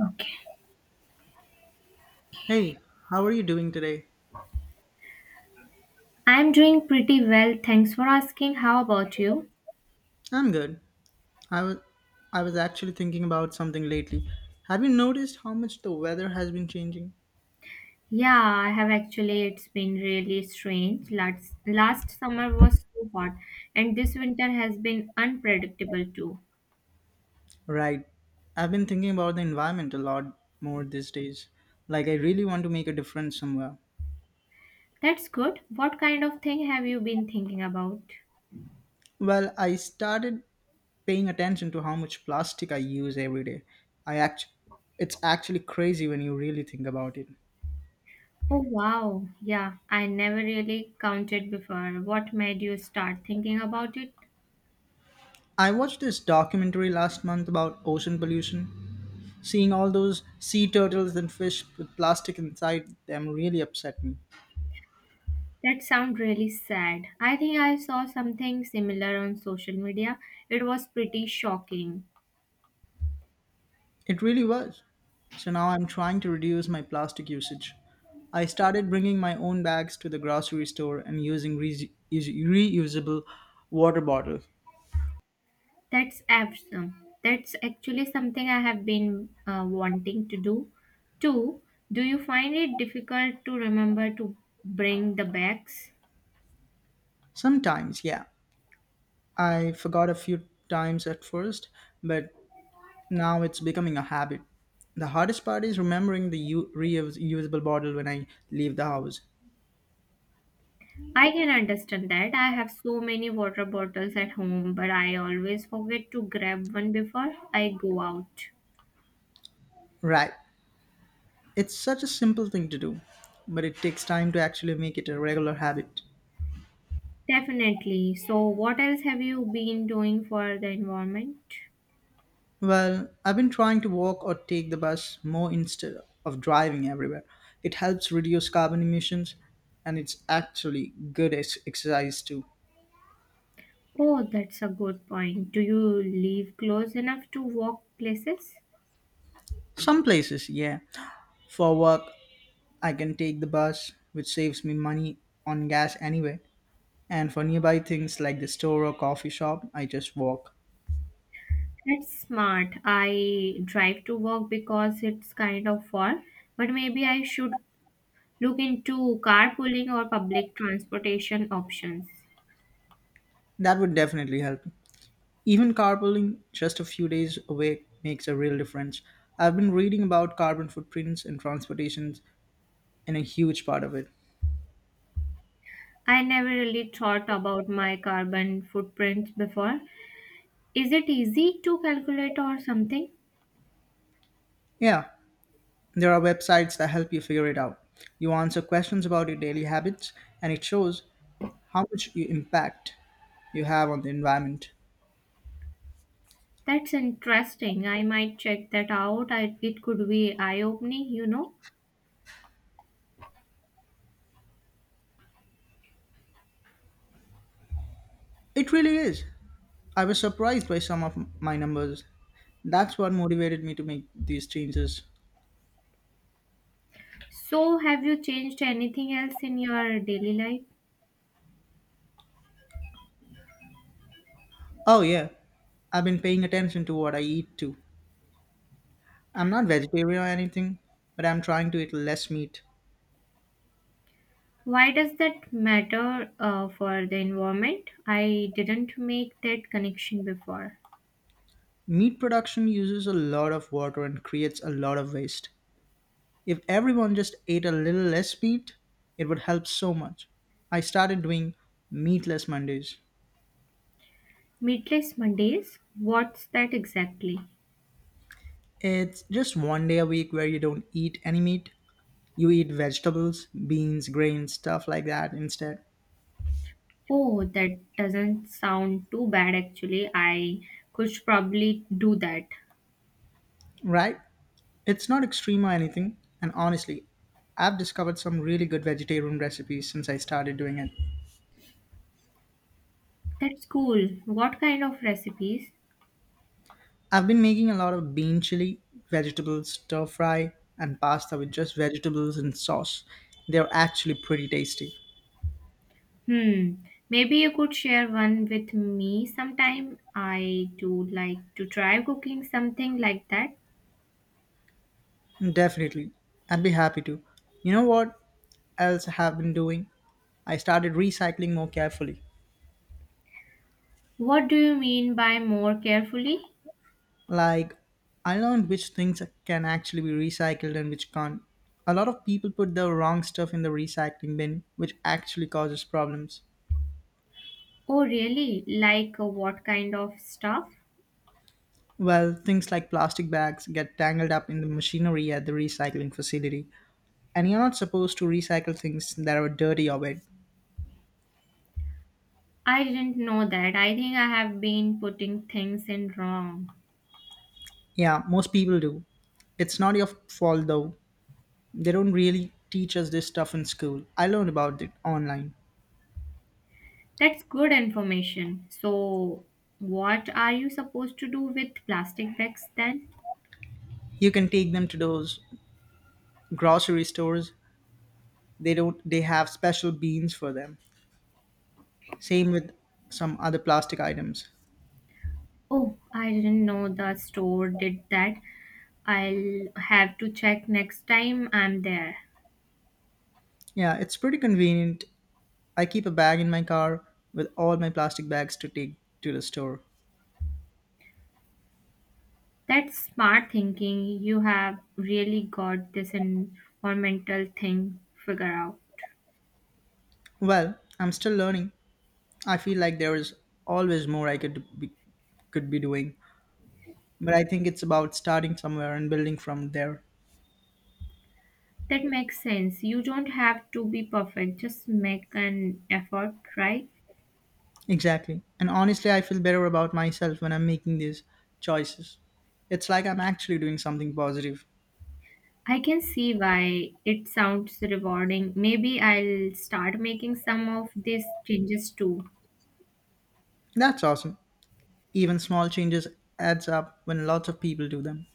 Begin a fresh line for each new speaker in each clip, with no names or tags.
Okay.
Hey, how are you doing today?
I'm doing pretty well. Thanks for asking. How about you?
I'm good. I was I was actually thinking about something lately. Have you noticed how much the weather has been changing?
Yeah, I have actually. It's been really strange. Last summer was so hot, and this winter has been unpredictable too.
Right. I've been thinking about the environment a lot more these days. Like I really want to make a difference somewhere.
That's good. What kind of thing have you been thinking about?
Well, I started paying attention to how much plastic I use every day. I act It's actually crazy when you really think about it.
Oh, wow. Yeah, I never really counted before. What made you start thinking about it?
I watched this documentary last month about ocean pollution. Seeing all those sea turtles and fish with plastic inside them really upset me.
That sounds really sad. I think I saw something similar on social media. It was pretty shocking.
It really was. So now I'm trying to reduce my plastic usage. I started bringing my own bags to the grocery store and using reusable water bottles.
That's awesome. That's actually something I have been wanting to do. Two, do you find it difficult to remember to bring the bags?
Sometimes, yeah, I forgot a few times at first, but now it's becoming a habit. The hardest part is remembering the reusable bottle when I leave the house.
I can understand that. I have so many water bottles at home, but I always forget to grab one before I go out.
Right. It's such a simple thing to do, but it takes time to actually make it a regular habit.
Definitely. So, what else have you been doing for the environment?
Well, I've been trying to walk or take the bus more instead of driving everywhere. It helps reduce carbon emissions and it's actually good exercise too.
Oh, that's a good point. Do you live close enough to walk places?
Some places, yeah. For work, I can take the bus, which saves me money on gas anyway. And for nearby things like the store or coffee shop, I just walk.
That's smart. I drive to work because it's kind of far, but maybe I should look into carpooling or public transportation options.
That would definitely help. Even carpooling just a few days away makes a real difference. I've been reading about carbon footprints and transportations and a huge part of it.
I never really thought about my carbon footprint before. Is it easy to calculate or something?
Yeah, there are websites that help you figure it out. You answer questions about your daily habits and it shows how much you have on the environment.
That's interesting. I might check that out. It could be eye-opening,
It really is. I was surprised by some of my numbers. That's what motivated me to make these changes.
So, have you changed anything else in your daily life?
Oh, yeah. I've been paying attention to what I eat too. I'm not vegetarian or anything, but I'm trying to eat less meat.
Why does that matter for the environment? I didn't make that connection before.
Meat production uses a lot of water and creates a lot of waste. If everyone just ate a little less meat, it would help so much. I started doing meatless Mondays.
Meatless Mondays? What's that exactly?
It's just one day a week where you don't eat any meat. You eat vegetables, beans, grains, stuff like that instead.
Oh, that doesn't sound too bad actually. I could probably do that.
Right? It's not extreme or anything, and honestly, I've discovered some really good vegetarian recipes since I started doing it.
That's cool. What kind of recipes?
I've been making a lot of bean chili, vegetable stir fry, and pasta with just vegetables and sauce. They're actually pretty tasty.
Hmm. Maybe you could share one with me sometime. I do like to try cooking something like that.
Definitely. I'd be happy to. You know what else I have been doing? I started recycling more carefully.
What do you mean by more carefully?
Like, I learned which things can actually be recycled and which can't. A lot of people put the wrong stuff in the recycling bin, which actually causes problems.
Oh, really? Like what kind of stuff?
Well, things like plastic bags get tangled up in the machinery at the recycling facility. And you're not supposed to recycle things that are dirty or wet.
I didn't know that. I think I have been putting things in wrong.
Yeah, most people do. It's not your fault though. They don't really teach us this stuff in school. I learned about it online.
That's good information. So, what are you supposed to do with plastic bags then?
You can take them to those grocery stores. They don't They have special bins for them. Same with some other plastic items.
Oh, I didn't know the store did that. I'll have to check next time I'm there.
Yeah, it's pretty convenient. I keep a bag in my car with all my plastic bags to take to the store.
That's smart thinking. You have really got this environmental thing figured out.
Well, I'm still learning. I feel like there is always more I could be doing, but I think it's about starting somewhere and building from there.
That makes sense. You don't have to be perfect, just make an effort, right?
Exactly. And honestly, I feel better about myself when I'm making these choices. It's like I'm actually doing something positive.
I can see why it sounds rewarding. Maybe I'll start making some of these changes too.
That's awesome. Even small changes adds up when lots of people do them.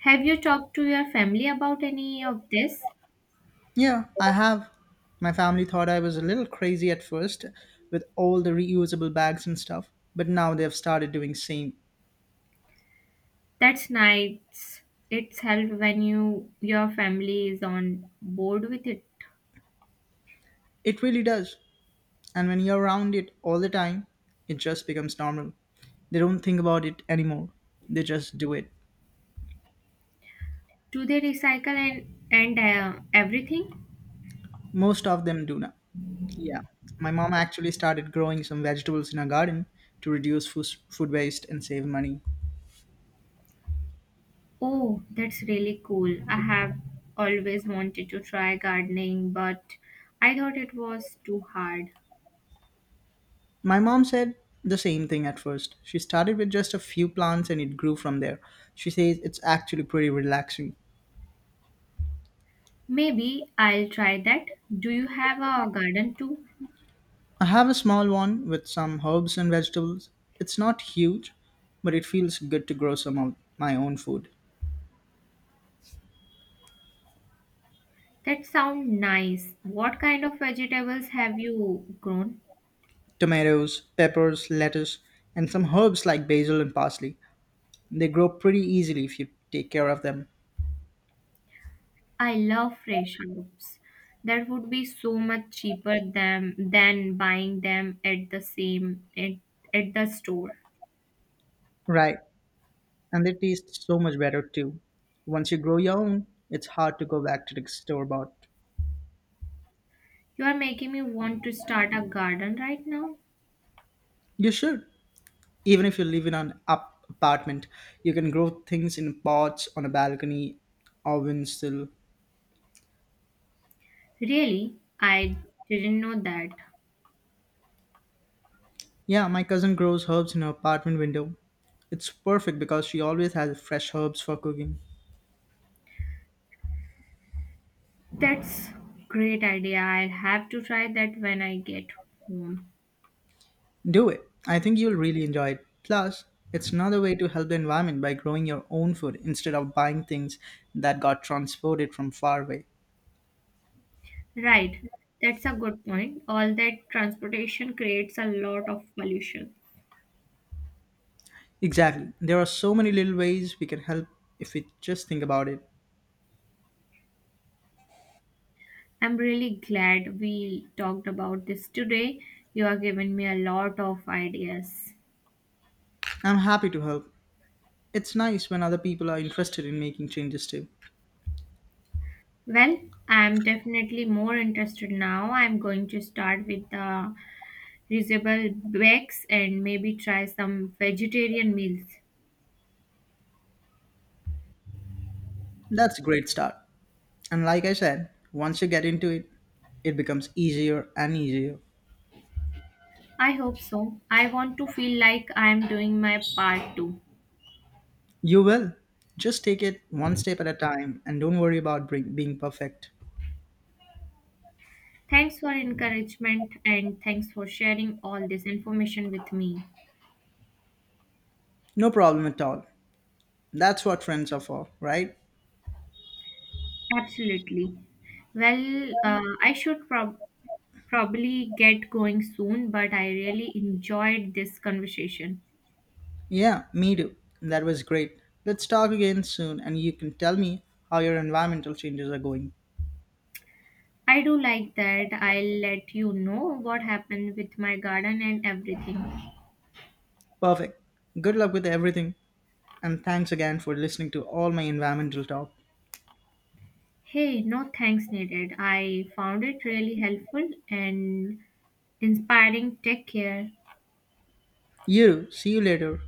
Have you talked to your family about any of this?
Yeah, I have. My family thought I was a little crazy at first with all the reusable bags and stuff, but now they've started doing same.
That's nice. It's helped when your family is on board with it.
It really does. And when you're around it all the time, it just becomes normal. They don't think about it anymore. They just do it.
Do they recycle and everything?
Most of them do now. Yeah. My mom actually started growing some vegetables in her garden to reduce food waste and save money.
Oh, that's really cool. I have always wanted to try gardening, but I thought it was too hard.
My mom said the same thing at first. She started with just a few plants and it grew from there. She says it's actually pretty relaxing.
Maybe I'll try that. Do you have a garden too?
I have a small one with some herbs and vegetables. It's not huge, but it feels good to grow some of my own food.
That sounds nice. What kind of vegetables have you grown?
Tomatoes, peppers, lettuce, and some herbs like basil and parsley. They grow pretty easily if you take care of them.
I love fresh herbs. That would be so much cheaper than buying them at the store.
Right, and they taste so much better too. Once you grow your own, it's hard to go back to the store bought.
You are making me want to start a garden right now.
You should. Even if you live in an up apartment, you can grow things in pots on a balcony or windowsill.
Really? I didn't know that.
Yeah, my cousin grows herbs in her apartment window. It's perfect because she always has fresh herbs for cooking.
That's great idea. I'll have to try that when I get home.
Do it. I think you'll really enjoy it. Plus, it's another way to help the environment by growing your own food instead of buying things that got transported from far away.
Right. That's a good point. All that transportation creates a lot of pollution.
Exactly. There are so many little ways we can help if we just think about it.
I'm really glad we talked about this today. You have given me a lot of ideas.
I'm happy to help. It's nice when other people are interested in making changes too.
Well, I'm definitely more interested now. I'm going to start with the reusable bags and maybe try some vegetarian meals.
That's a great start. And like I said, once you get into it, it becomes easier and easier.
I hope so. I want to feel like I am doing my part too.
You will. Just take it one step at a time and don't worry about being perfect.
Thanks for encouragement and thanks for sharing all this information with me.
No problem at all. That's what friends are for, right?
Absolutely. Well, I probably get going soon, but I really enjoyed this conversation.
Yeah, me too. That was great. Let's talk again soon and you can tell me how your environmental changes are going.
I do like that. I'll let you know what happened with my garden and everything.
Perfect. Good luck with everything and thanks again for listening to all my environmental talk.
Hey, no thanks needed. I found it really helpful and inspiring. Take care.
You, see you later.